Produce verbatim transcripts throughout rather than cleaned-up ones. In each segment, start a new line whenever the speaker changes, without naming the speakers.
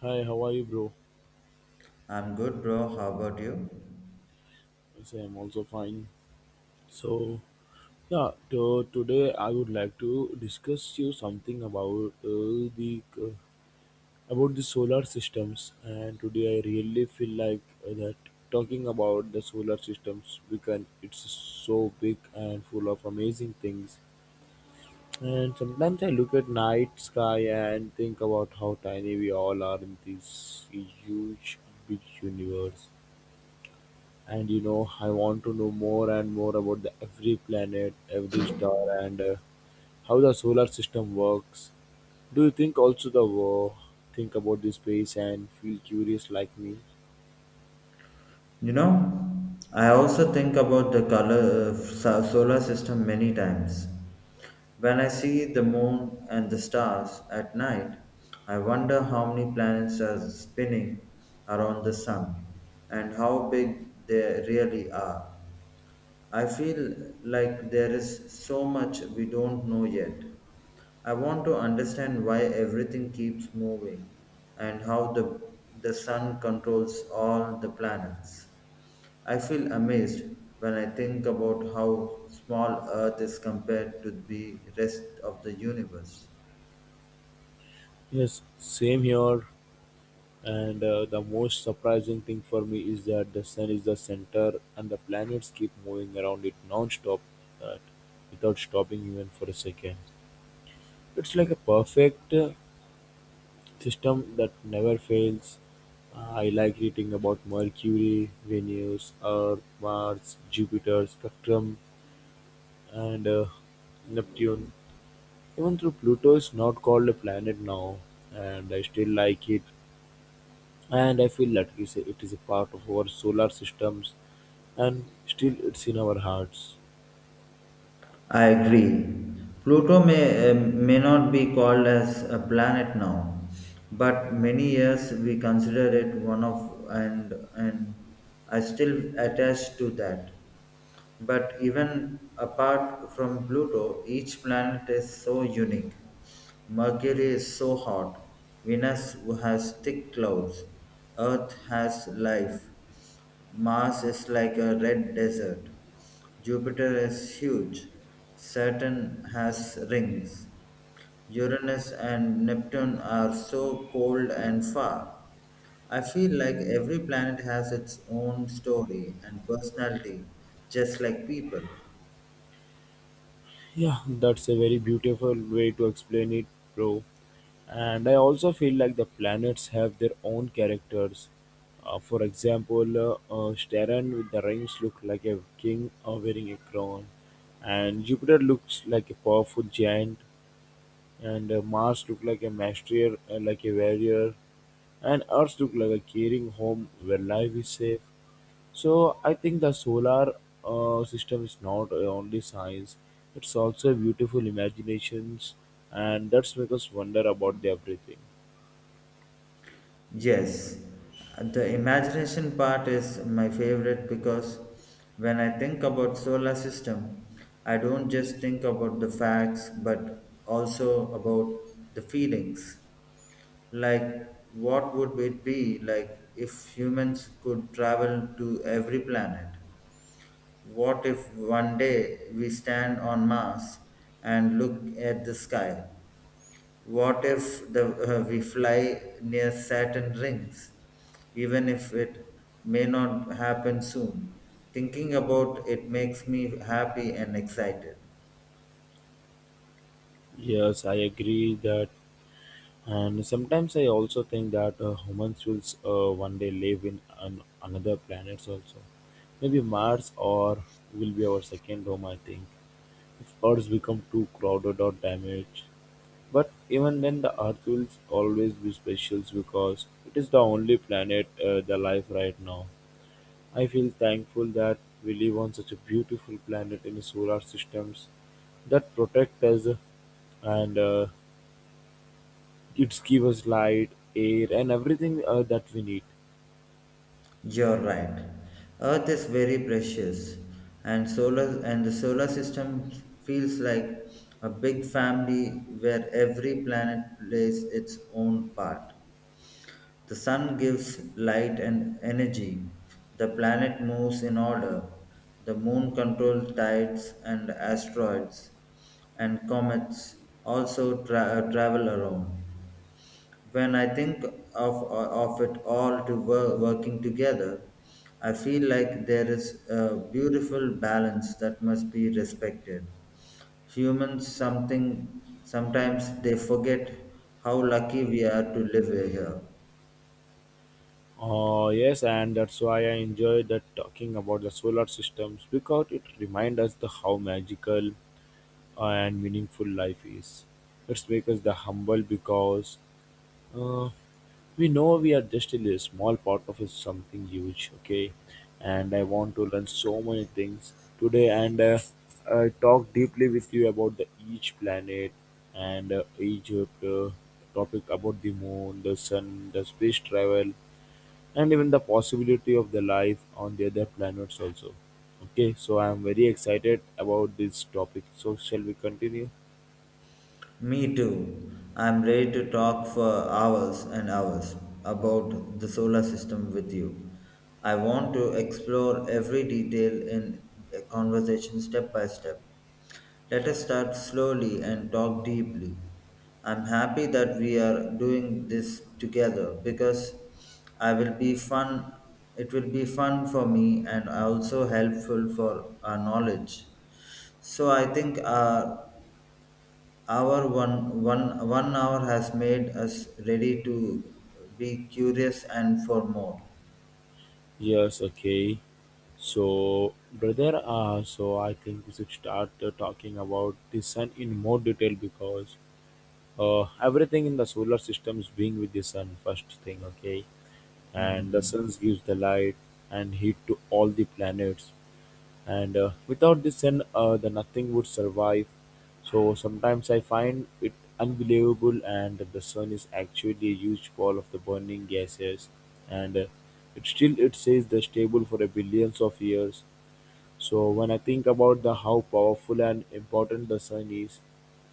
Hi, how are you, bro?
I'm good, bro. How about you?
Yes, I say I'm also fine. So, yeah, to, today I would like to discuss you something about uh, the uh, about the solar systems. And today I really feel like uh, that talking about the solar systems we can it's so big and full of amazing things. And sometimes I look at night sky and think about how tiny we all are in this huge, big universe. And you know I want to know more and more about the every planet, every star, and uh, how the solar system works. Do you think also the uh, think about this space and feel curious like me?
You know, I also think about the color so- solar system many times. When I see the moon and the stars at night, I wonder how many planets are spinning around the sun and how big they really are. I feel like there is so much we don't know yet. I want to understand why everything keeps moving and how the, the sun controls all the planets. I feel amazed when I think about how small Earth is compared to the rest of the universe.
Yes, same here. And uh, the most surprising thing for me is that the sun is the center and the planets keep moving around it non-stop, uh, without stopping even for a second. It's like a perfect uh, system that never fails. Uh, I like reading about Mercury, Venus, Earth, Mars, Jupiter, Spectrum, and uh, Neptune. Even though Pluto is not called a planet now, and I still like it, and I feel that it is a, it is a part of our solar systems, and still it's in our hearts.
I agree. Pluto may, uh, may not be called as a planet now, but many years we consider it one of and and I still attached to that. But even apart from Pluto, each planet is so unique. Mercury is so hot, Venus has thick clouds, Earth has life, Mars is like a red desert, Jupiter is huge, Saturn has rings, Uranus and Neptune are so cold and far. I feel like every planet has its own story and personality, just like people.
Yeah, that's a very beautiful way to explain it, bro. And I also feel like the planets have their own characters. Uh, for example, uh, uh, Staran with the rings look like a king uh, wearing a crown, and Jupiter looks like a powerful giant, and uh, Mars looked like a master, uh, like a warrior, and Earth looked like a caring home where life is safe. So I think the solar uh, system is not uh, only science; it's also beautiful imaginations, and that's make us wonder about the everything.
Yes, the imagination part is my favorite because when I think about solar system, I don't just think about the facts but also about the feelings. Like what would it be like if humans could travel to every planet? What if one day we stand on Mars and look at the sky? What if the, uh, we fly near Saturn rings? Even if it may not happen soon, thinking about it makes me happy and excited.
Yes, I agree that, and sometimes I also think that uh, humans will uh, one day live in an, another planets also. Maybe Mars or will be our second home, I think. If Earths become too crowded or damaged. But even then, the Earth will always be special because it is the only planet uh, the life right now. I feel thankful that we live on such a beautiful planet in solar systems that protect us and uh, it gives us light, air, and everything uh, that we need.
You're right. Earth is very precious, and solar and the solar system feels like a big family where every planet plays its own part. The sun gives light and energy. The planet moves in order. The moon controls tides and asteroids and comets also tra- uh, travel around. When I think of, uh, of it all to wor- working together, I feel like there is a beautiful balance that must be respected. Humans something sometimes they forget how lucky we are to live here.
Uh, yes, and that's why I enjoy that talking about the solar systems because it reminds us the how magical and meaningful life is. Let's make us the humble because uh, we know we are just a small part of a something huge. Okay, and I want to learn so many things today, and uh, I talk deeply with you about the each planet and uh, Egypt. Uh, topic about the moon, the sun, the space travel, and even the possibility of the life on the other planets also. Okay, so I am very excited about this topic. So shall we continue?
Me too. I'm ready to talk for hours and hours about the solar system with you. I want to explore every detail in a conversation step by step. Let us start slowly and talk deeply. I'm happy that we are doing this together because I will be fun it will be fun for me and also helpful for our knowledge. So I think our our one, one, one hour has made us ready to be curious and for more.
Yes, okay. So, brother, uh, so I think we should start uh, talking about the sun in more detail because uh, everything in the solar system is being with the sun, first thing, okay? And the
Hmm.
sun gives the light and heat to all the planets, and uh, without this sin uh, the nothing would survive. So sometimes I find it unbelievable. And the sun is actually a huge ball of the burning gases, and uh, it still it says the stable for a billions of years. So when I think about the how powerful and important the sun is,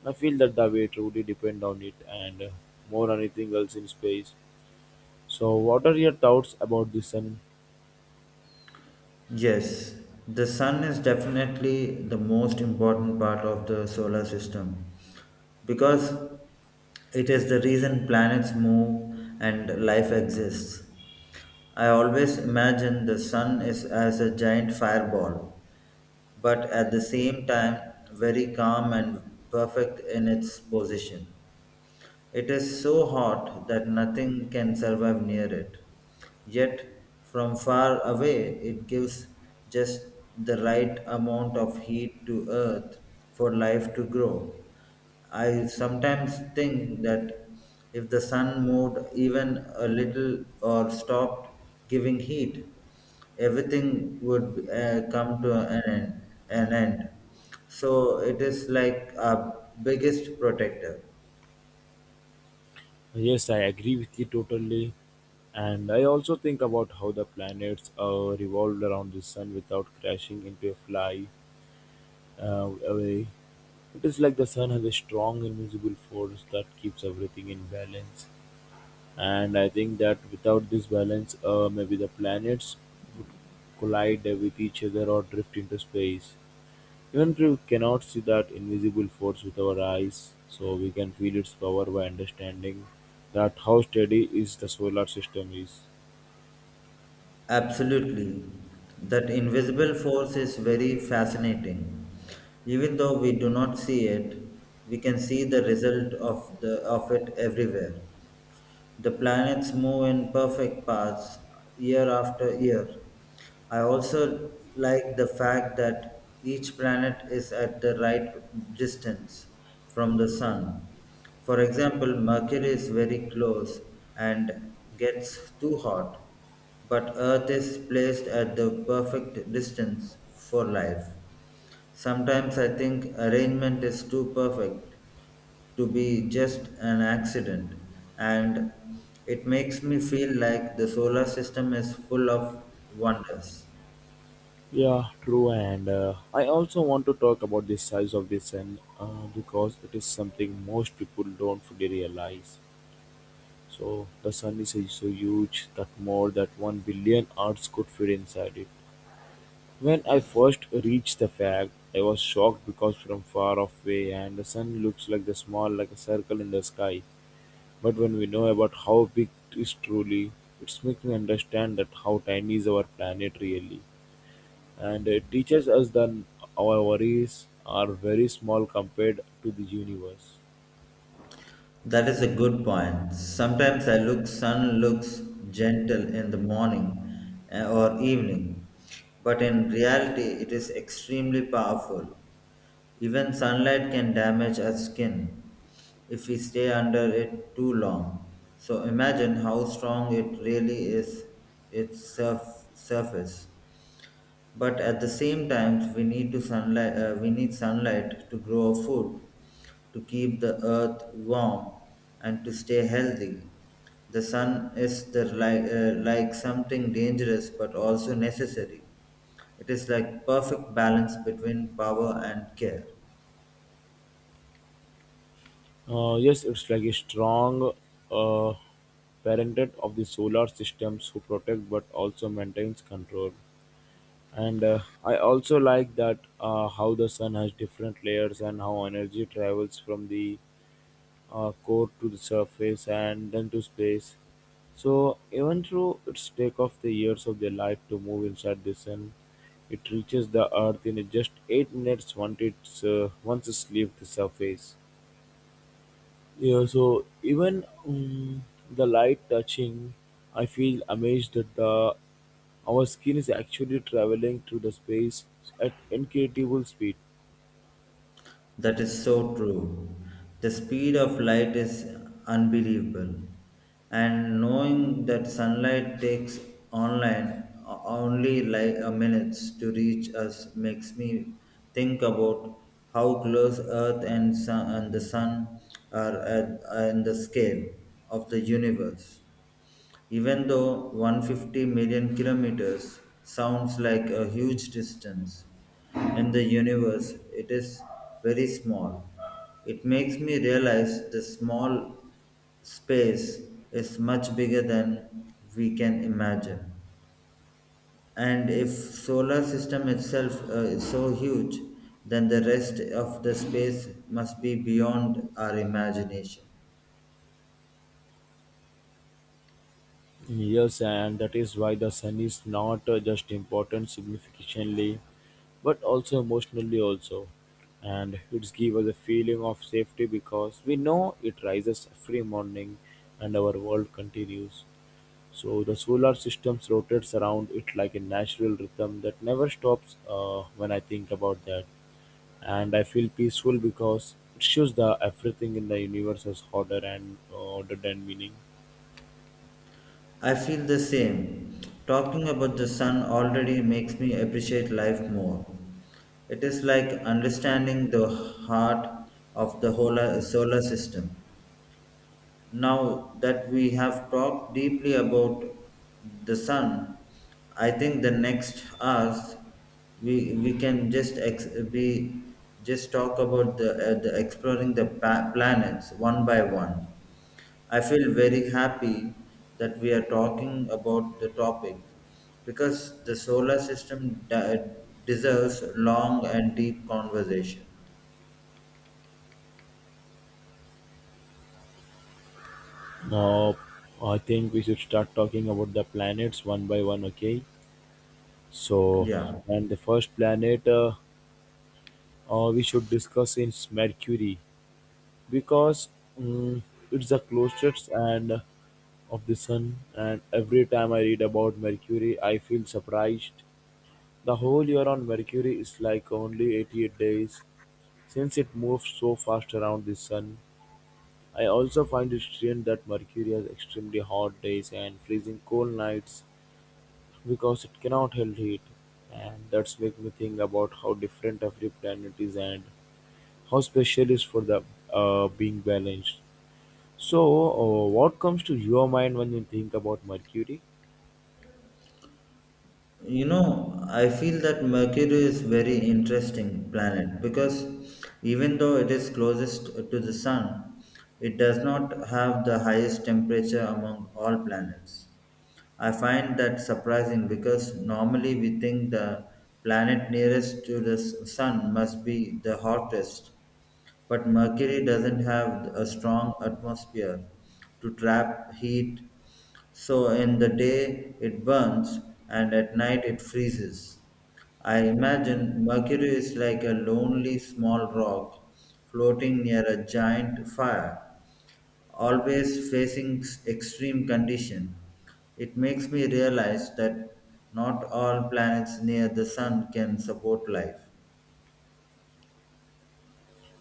I feel that the way truly depend on it, and uh, more than anything else in space. So what are your thoughts about the sun?
Yes, the sun is definitely the most important part of the solar system because it is the reason planets move and life exists. I always imagine the sun is as a giant fireball, but at the same time very calm and perfect in its position. It is so hot that nothing can survive near it. Yet, from far away, it gives just the right amount of heat to earth for life to grow. I sometimes think that if the sun moved even a little or stopped giving heat, everything would uh, come to an end, an end. So it is like our biggest protector.
Yes, I agree with you totally. And I also think about how the planets uh, revolve around the sun without crashing into a fly uh, away. It is like the sun has a strong invisible force that keeps everything in balance. And I think that without this balance, uh, maybe the planets would collide with each other or drift into space. Even if we cannot see that invisible force with our eyes, so we can feel its power by understanding that how steady is the solar system is.
Absolutely. That invisible force is very fascinating. Even though we do not see it, we can see the result of the of it everywhere. The planets move in perfect paths year after year. I also like the fact that each planet is at the right distance from the sun. For example, Mercury is very close and gets too hot, but Earth is placed at the perfect distance for life. Sometimes I think arrangement is too perfect to be just an accident, and it makes me feel like the solar system is full of wonders.
Yeah, true. And uh, I also want to talk about the size of the sun uh, because it is something most people don't fully realize. So the sun is so huge that more than one billion Earths could fit inside it. When I first reached the fact, I was shocked because from far off way, and the sun looks like the small, like a circle in the sky. But when we know about how big it is truly, it makes me understand that how tiny is our planet really, and it teaches us that our worries are very small compared to the universe.
That is a good point. Sometimes I look, sun looks gentle in the morning, eh, or evening, but in reality it is extremely powerful. Even sunlight can damage our skin if we stay under it too long, so imagine how strong it really is, its surf- surface. But at the same time, we need to sunlight uh, we need sunlight to grow food, to keep the earth warm, and to stay healthy. The sun is the like, uh, like something dangerous but also necessary. It is like perfect balance between power and care.
Uh, yes, it's like a strong uh, parented of the solar systems who protect but also maintains control. And uh, I also like that uh, how the sun has different layers and how energy travels from the uh, core to the surface and then to space. So even though it's take off the years of their life to move inside the sun, it reaches the earth in just eight minutes once it's uh, once it's leaves the surface. Yeah, so even um, the light touching, I feel amazed that the our skin is actually traveling through the space at incredible speed.
That is so true. The speed of light is unbelievable. And knowing that sunlight takes online o- only like a minutes to reach us makes me think about how close earth and sun and the sun are at, in the scale of the universe. Even though one hundred fifty million kilometers sounds like a huge distance, in the universe it is very small. It makes me realize the small space is much bigger than we can imagine. And if solar system itself uh, is so huge, then the rest of the space must be beyond our imagination.
Yes, and that is why the sun is not uh, just important significantly, but also emotionally also. And it gives us a feeling of safety because we know it rises every morning and our world continues. So the solar system rotates around it like a natural rhythm that never stops uh, when I think about that. And I feel peaceful because it shows that everything in the universe is harder and uh, order than meaning.
I feel the same. Talking about the sun already makes me appreciate life more. It is like understanding the heart of the whole uh, solar system. Now that we have talked deeply about the sun, I think the next hours we we can just ex- we just talk about the, uh, the exploring the pa- planets one by one. I feel very happy that we are talking about the topic because the solar system de- deserves long and deep conversation.
Uh, I think we should start talking about the planets one by one, okay? So,
Yeah.
and the first planet uh, uh, we should discuss is Mercury because mm it's the closest and uh, of the sun. And every time I read about Mercury, I feel surprised. The whole year on Mercury is like only eighty-eight days since it moves so fast around the sun. I also find it strange that Mercury has extremely hot days and freezing cold nights, because it cannot hold heat, and that's make me think about how different every planet is and how special is for the uh, being balanced. So, uh, what comes to your mind when you think about Mercury?
You know, I feel that Mercury is very interesting planet because even though it is closest to the sun, it does not have the highest temperature among all planets. I find that surprising because normally we think the planet nearest to the s- sun must be the hottest, but Mercury doesn't have a strong atmosphere to trap heat, so in the day it burns and at night it freezes. I imagine Mercury is like a lonely small rock floating near a giant fire, always facing s- extreme condition. It makes me realize that not all planets near the sun can support life.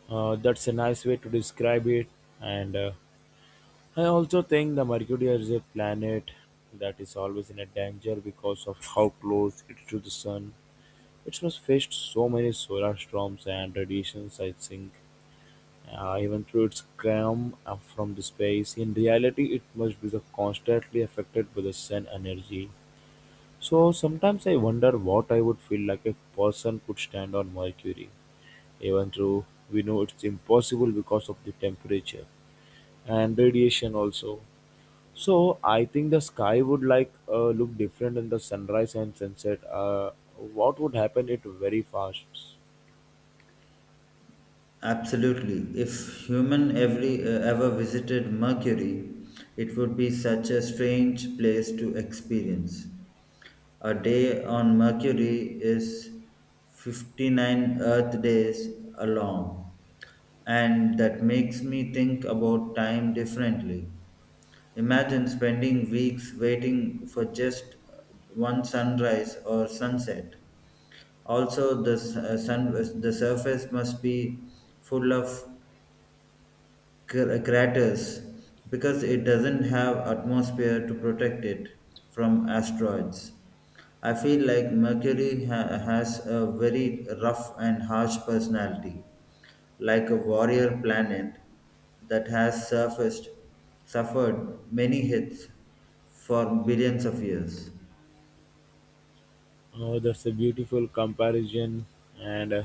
Uh, that's a nice way to describe it, and uh, I also think the Mercury is a planet that is always in a danger because of how close it is to the sun. It must face so many solar storms and radiations, I think. Uh, Even though it comes from the space, in reality it must be the constantly affected by the sun energy. So sometimes I wonder what I would feel like if person could stand on Mercury, even though we know it's impossible because of the temperature and radiation also. So I think the sky would like uh, look different in the sunrise and sunset. Uh, what would happen? It very fast.
Absolutely. If human every uh, ever visited Mercury, it would be such a strange place to experience. A day on Mercury is fifty-nine Earth days long, and that makes me think about time differently. Imagine spending weeks waiting for just one sunrise or sunset. Also, the s- uh, sun, uh, the surface must be full of cr- craters because it doesn't have atmosphere to protect it from asteroids. I feel like Mercury ha- has a very rough and harsh personality, like a warrior planet that has surfaced, suffered many hits for billions of years.
Oh, that's a beautiful comparison. And uh,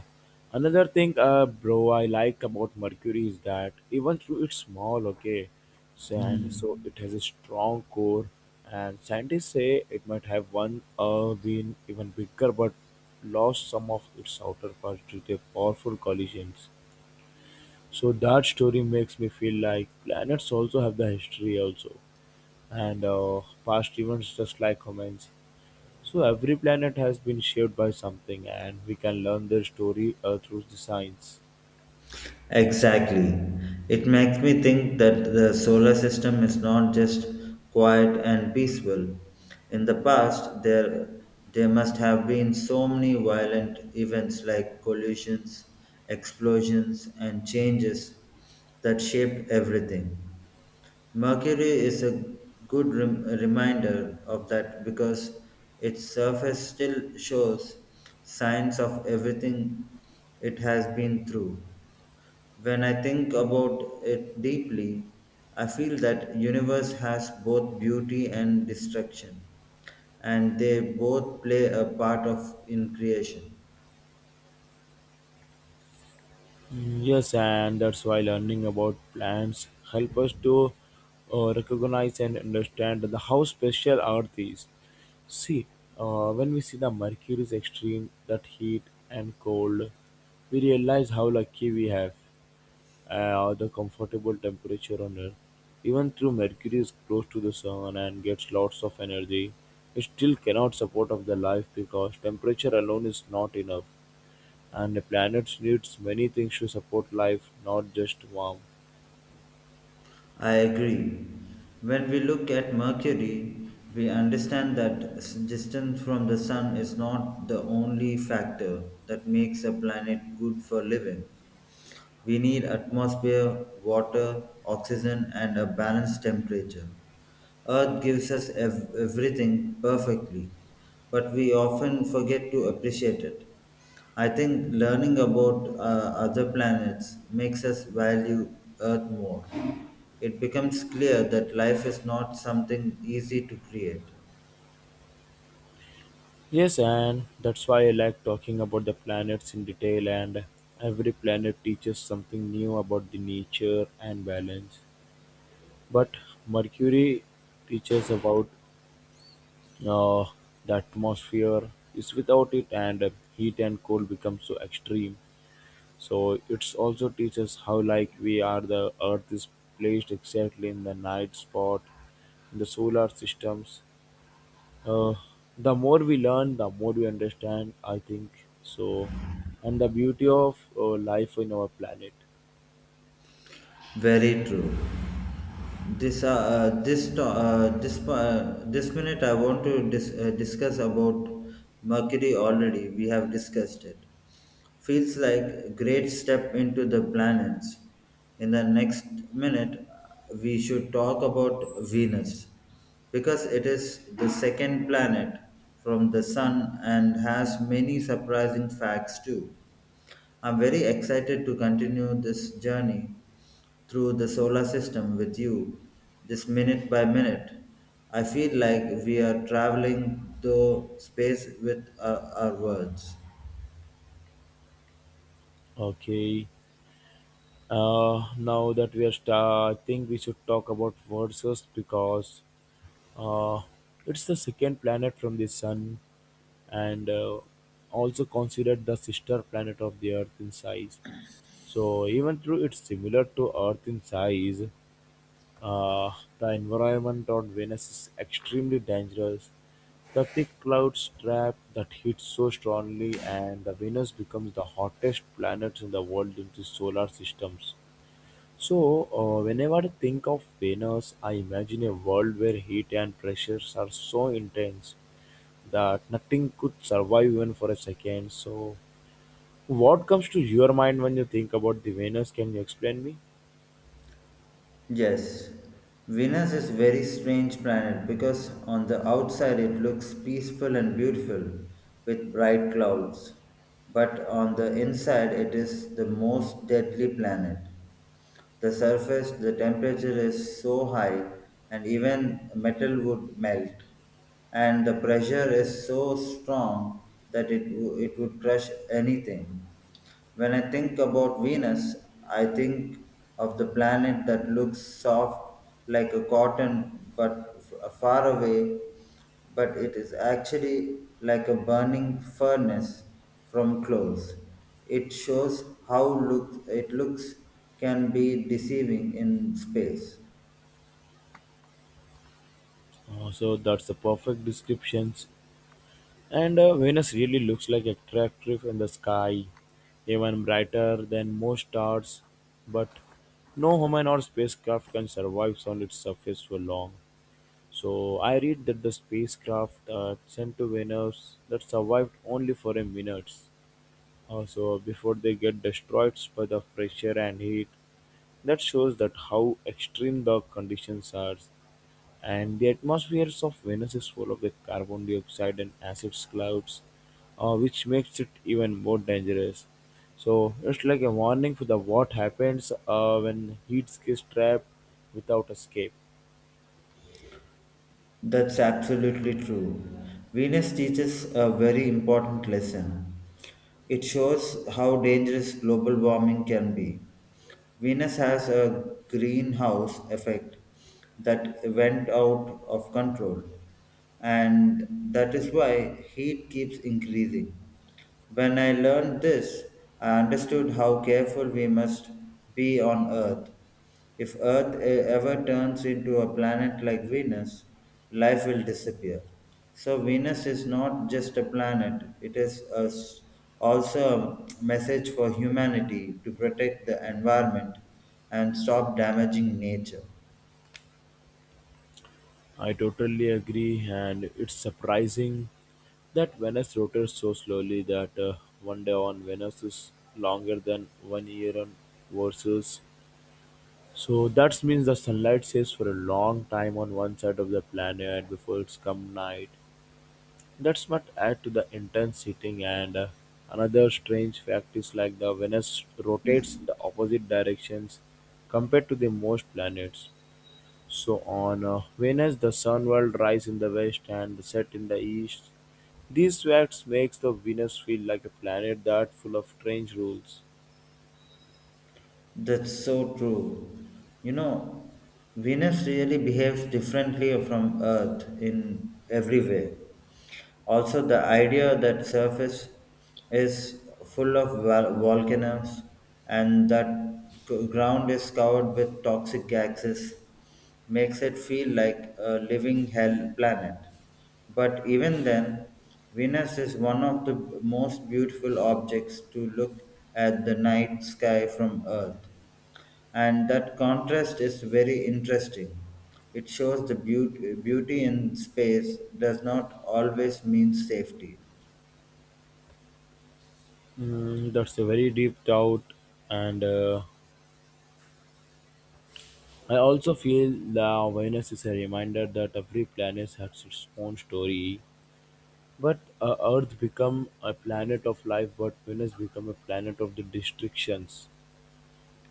another thing, uh, bro, I like about Mercury is that even though it's small, okay, so, and so it has a strong core. And scientists say it might have one uh, been even bigger, but lost some of its outer parts due to powerful collisions. So that story makes me feel like planets also have the history also, and uh, past events just like humans. So every planet has been shaped by something, and we can learn their story uh, through the science.
Exactly. It makes me think that the solar system is not just quiet and peaceful. In the past, there, there must have been so many violent events like collisions, explosions, and changes that shaped everything. Mercury is a good rem- reminder of that because its surface still shows signs of everything it has been through. When I think about it deeply, I feel that universe has both beauty and destruction, and they both play a part of in creation.
Mm, yes, and that's why learning about plants help us to uh, recognize and understand the how special Earth is. See, uh, when we see the Mercury's extreme, that heat and cold, we realize how lucky we have, uh, or the comfortable temperature on Earth. Even though Mercury is close to the Sun and gets lots of energy, it still cannot support of the life because temperature alone is not enough, and the planet needs many things to support life, not just warm.
I agree. When we look at Mercury, we understand that s- distance from the sun is not the only factor that makes a planet good for living. We need atmosphere, water, oxygen, and a balanced temperature. Earth gives us ev- everything perfectly, but we often forget to appreciate it. I think learning about uh, other planets makes us value Earth more. It becomes clear that life is not something easy to create.
Yes, and that's why I like talking about the planets in detail, and every planet teaches something new about the nature and balance. But Mercury teaches about Uh, the atmosphere is without it, and uh, heat and cold become so extreme. So it's also teaches how like we are the earth is placed exactly in the night spot in the solar systems. Uh, the more we learn, the more we understand, I think. So, and the beauty of uh, life in our planet.
Very true. This uh, uh, this to- uh, this uh, this minute I want to dis- uh, discuss about Mercury already. We have discussed it. Feels like a great step into the planets. In the next minute, we should talk about Venus because it is the second planet from the sun and has many surprising facts too. I'm very excited to continue this journey through the solar system with you, this minute by minute. I feel like we are traveling through space with our, our words.
Okay. Uh, now that we are star, I think we should talk about verses because Uh, it's the second planet from the Sun, and uh, also considered the sister planet of the Earth in size. So, even though it's similar to Earth in size, uh, the environment on Venus is extremely dangerous. The thick clouds trap that heat so strongly, and the Venus becomes the hottest planet in the world in the solar systems. So, uh, whenever I think of Venus, I imagine a world where heat and pressures are so intense that nothing could survive even for a second. So, what comes to your mind when you think about the Venus? Can you explain me?
Yes, Venus is very strange planet because on the outside it looks peaceful and beautiful with bright clouds, but on the inside it is the most deadly planet. The surface, the temperature is so high, and even metal would melt. And the pressure is so strong that it, wo- it would crush anything. When I think about Venus, I think of the planet that looks soft like a cotton but f- far away, but it is actually like a burning furnace from close. It shows how look, it looks can be deceiving in space.
Uh, so that's the perfect descriptions. And uh, Venus really looks like a crack in the sky, even brighter than most stars. But no human or spacecraft can survive on its surface for long. So I read that the spacecraft uh, sent to Venus that survived only for a minute, uh, so before they get destroyed by the pressure and heat. That shows that how extreme the conditions are, and the atmospheres of Venus is full of the carbon dioxide and acid clouds, uh, which makes it even more dangerous. So it's like a warning for the what happens uh, when heat gets trapped without escape.
That's absolutely true. Venus teaches a very important lesson. It shows how dangerous global warming can be. Venus has a greenhouse effect that went out of control, and that is why heat keeps increasing. When I learned this, I understood how careful we must be on Earth. If Earth e- ever turns into a planet like Venus, life will disappear. So, Venus is not just a planet, it is a s- also a message for humanity to protect the environment and stop damaging nature.
I totally agree, and it's surprising that Venus rotates so slowly that uh, one day on Venus is longer than one year on Versus. So that means the sunlight stays for a long time on one side of the planet before it's come night. That's not add to the intense heating and uh, another strange fact is like the Venus rotates in the opposite directions compared to the most planets. So on uh, Venus, the sun will rise in the west and set in the east. These facts makes the Venus feel like a planet that full of strange rules.
That's so true. You know, Venus really behaves differently from Earth in every way. Also, the idea that surface is full of vol- volcanoes, and that g- ground is covered with toxic gases makes it feel like a living hell planet. But even then, Venus is one of the most beautiful objects to look at the night sky from Earth. And that contrast is very interesting. It shows the beauty, beauty in space does not always mean safety.
Mm, that's a very deep doubt, and uh, I also feel that Venus is a reminder that every planet has its own story. But uh, Earth become a planet of life, but Venus become a planet of the destructions.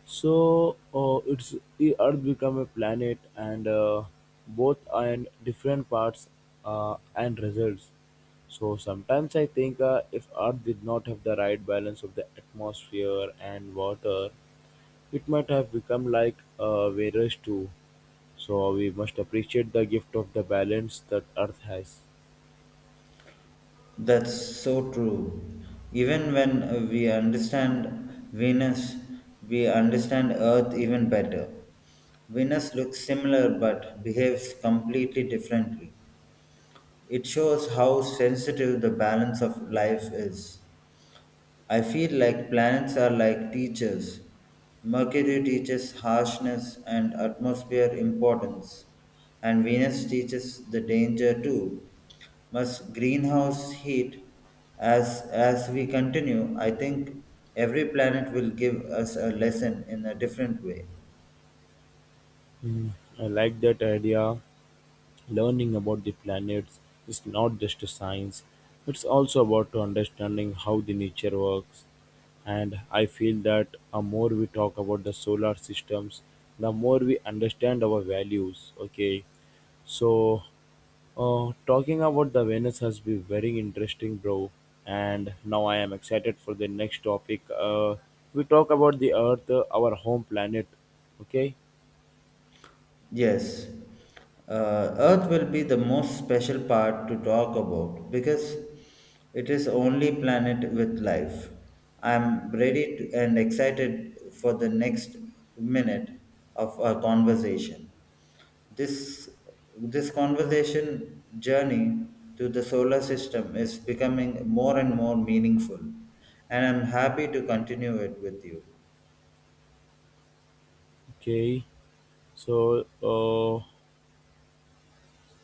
So uh, it's the Earth become a planet, and uh, both and different parts uh, and results. So sometimes I think uh, if Earth did not have the right balance of the atmosphere and water, it might have become like uh, Varus too. So we must appreciate the gift of the balance that Earth has.
That's so true. Even when uh, we understand Venus, we understand Earth even better. Venus looks similar but behaves completely differently. It shows how sensitive the balance of life is. I feel like planets are like teachers. Mercury teaches harshness and atmosphere importance, and Venus teaches the danger too. Must greenhouse heat as as we continue, I think every planet will give us a lesson in a different way.
Hmm, I like that idea. Learning about the planets is not just a science, it's also about to understanding how the nature works. And I feel that the more we talk about the solar systems, the more we understand our values. Okay, so uh, talking about the Venus has been very interesting, bro. And now I am excited for the next topic. Uh, we talk about the Earth, uh, our home planet. Okay,
Yes, uh, Earth will be the most special part to talk about because it is only planet with life. I'm ready to, and excited for the next minute of our conversation. This this conversation journey to the solar system is becoming more and more meaningful, and I'm happy to continue it with you.
okay. So uh,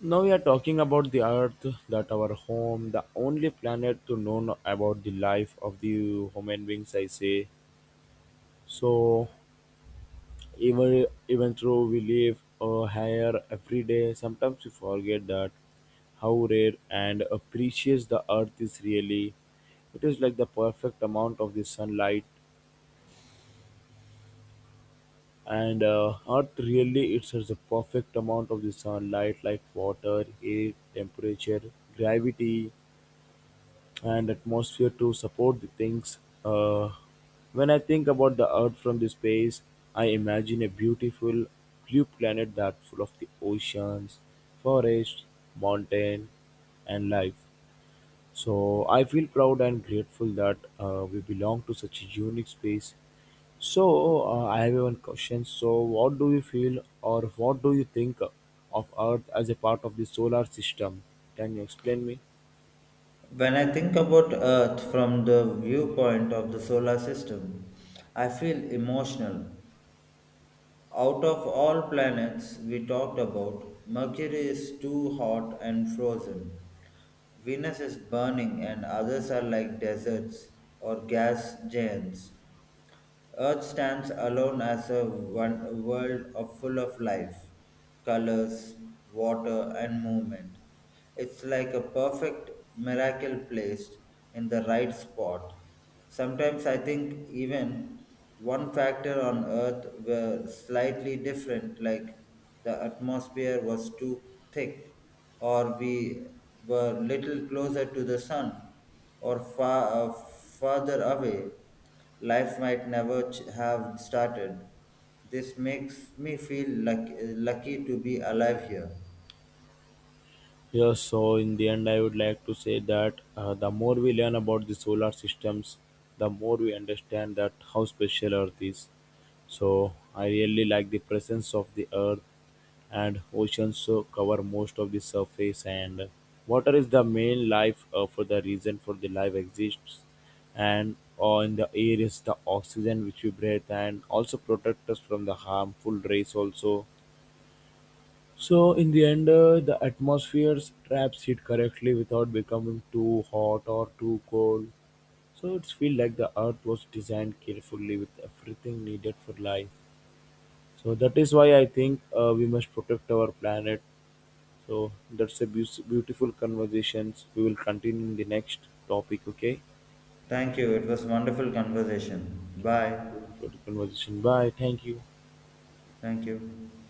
now we are talking about the Earth, that our home, the only planet to know no about the life of the human beings. I say so. Even even though we live uh, higher every day, sometimes we forget that how rare and uh, precious the Earth is really. It is like the perfect amount of the sunlight, and uh, Earth really it has the perfect amount of the sunlight, like water, air, temperature, gravity and atmosphere to support the things. Uh, when I think about the Earth from the space, I imagine a beautiful blue planet that full of the oceans, forests, mountain, and life. So I feel proud and grateful that uh, we belong to such a unique space. So uh, I have one question. So what do you feel or what do you think of Earth as a part of the solar system? Can you explain me?
When I think about Earth from the viewpoint of the solar system, I feel emotional. Out of all planets we talked about, Mercury is too hot and frozen. Venus is burning, and others are like deserts or gas giants. Earth stands alone as a one world of full of life, colors, water, and movement. It's like a perfect miracle placed in the right spot. Sometimes I think even one factor on Earth were slightly different, like the atmosphere was too thick, or we were little closer to the sun or far uh, farther away, life might never ch- have started. This makes me feel luck- lucky to be alive here.
Yes, so in the end, I would like to say that uh, the more we learn about the solar systems, the more we understand that how special Earth is. So I really like the presence of the Earth, and oceans so cover most of the surface, and water is the main life uh, for the reason for the life exists, and uh, in the air is the oxygen which we breathe, and also protect us from the harmful rays also so in the end, uh, the atmosphere traps heat correctly without becoming too hot or too cold. So it's feel like the earth was designed carefully with everything needed for life. So that is why I think uh, we must protect our planet. So that's a beau- beautiful conversations. We will continue in the next topic. Okay,
Thank you, it was wonderful conversation. Bye.
beautiful conversation. Bye. Thank you.
Thank you.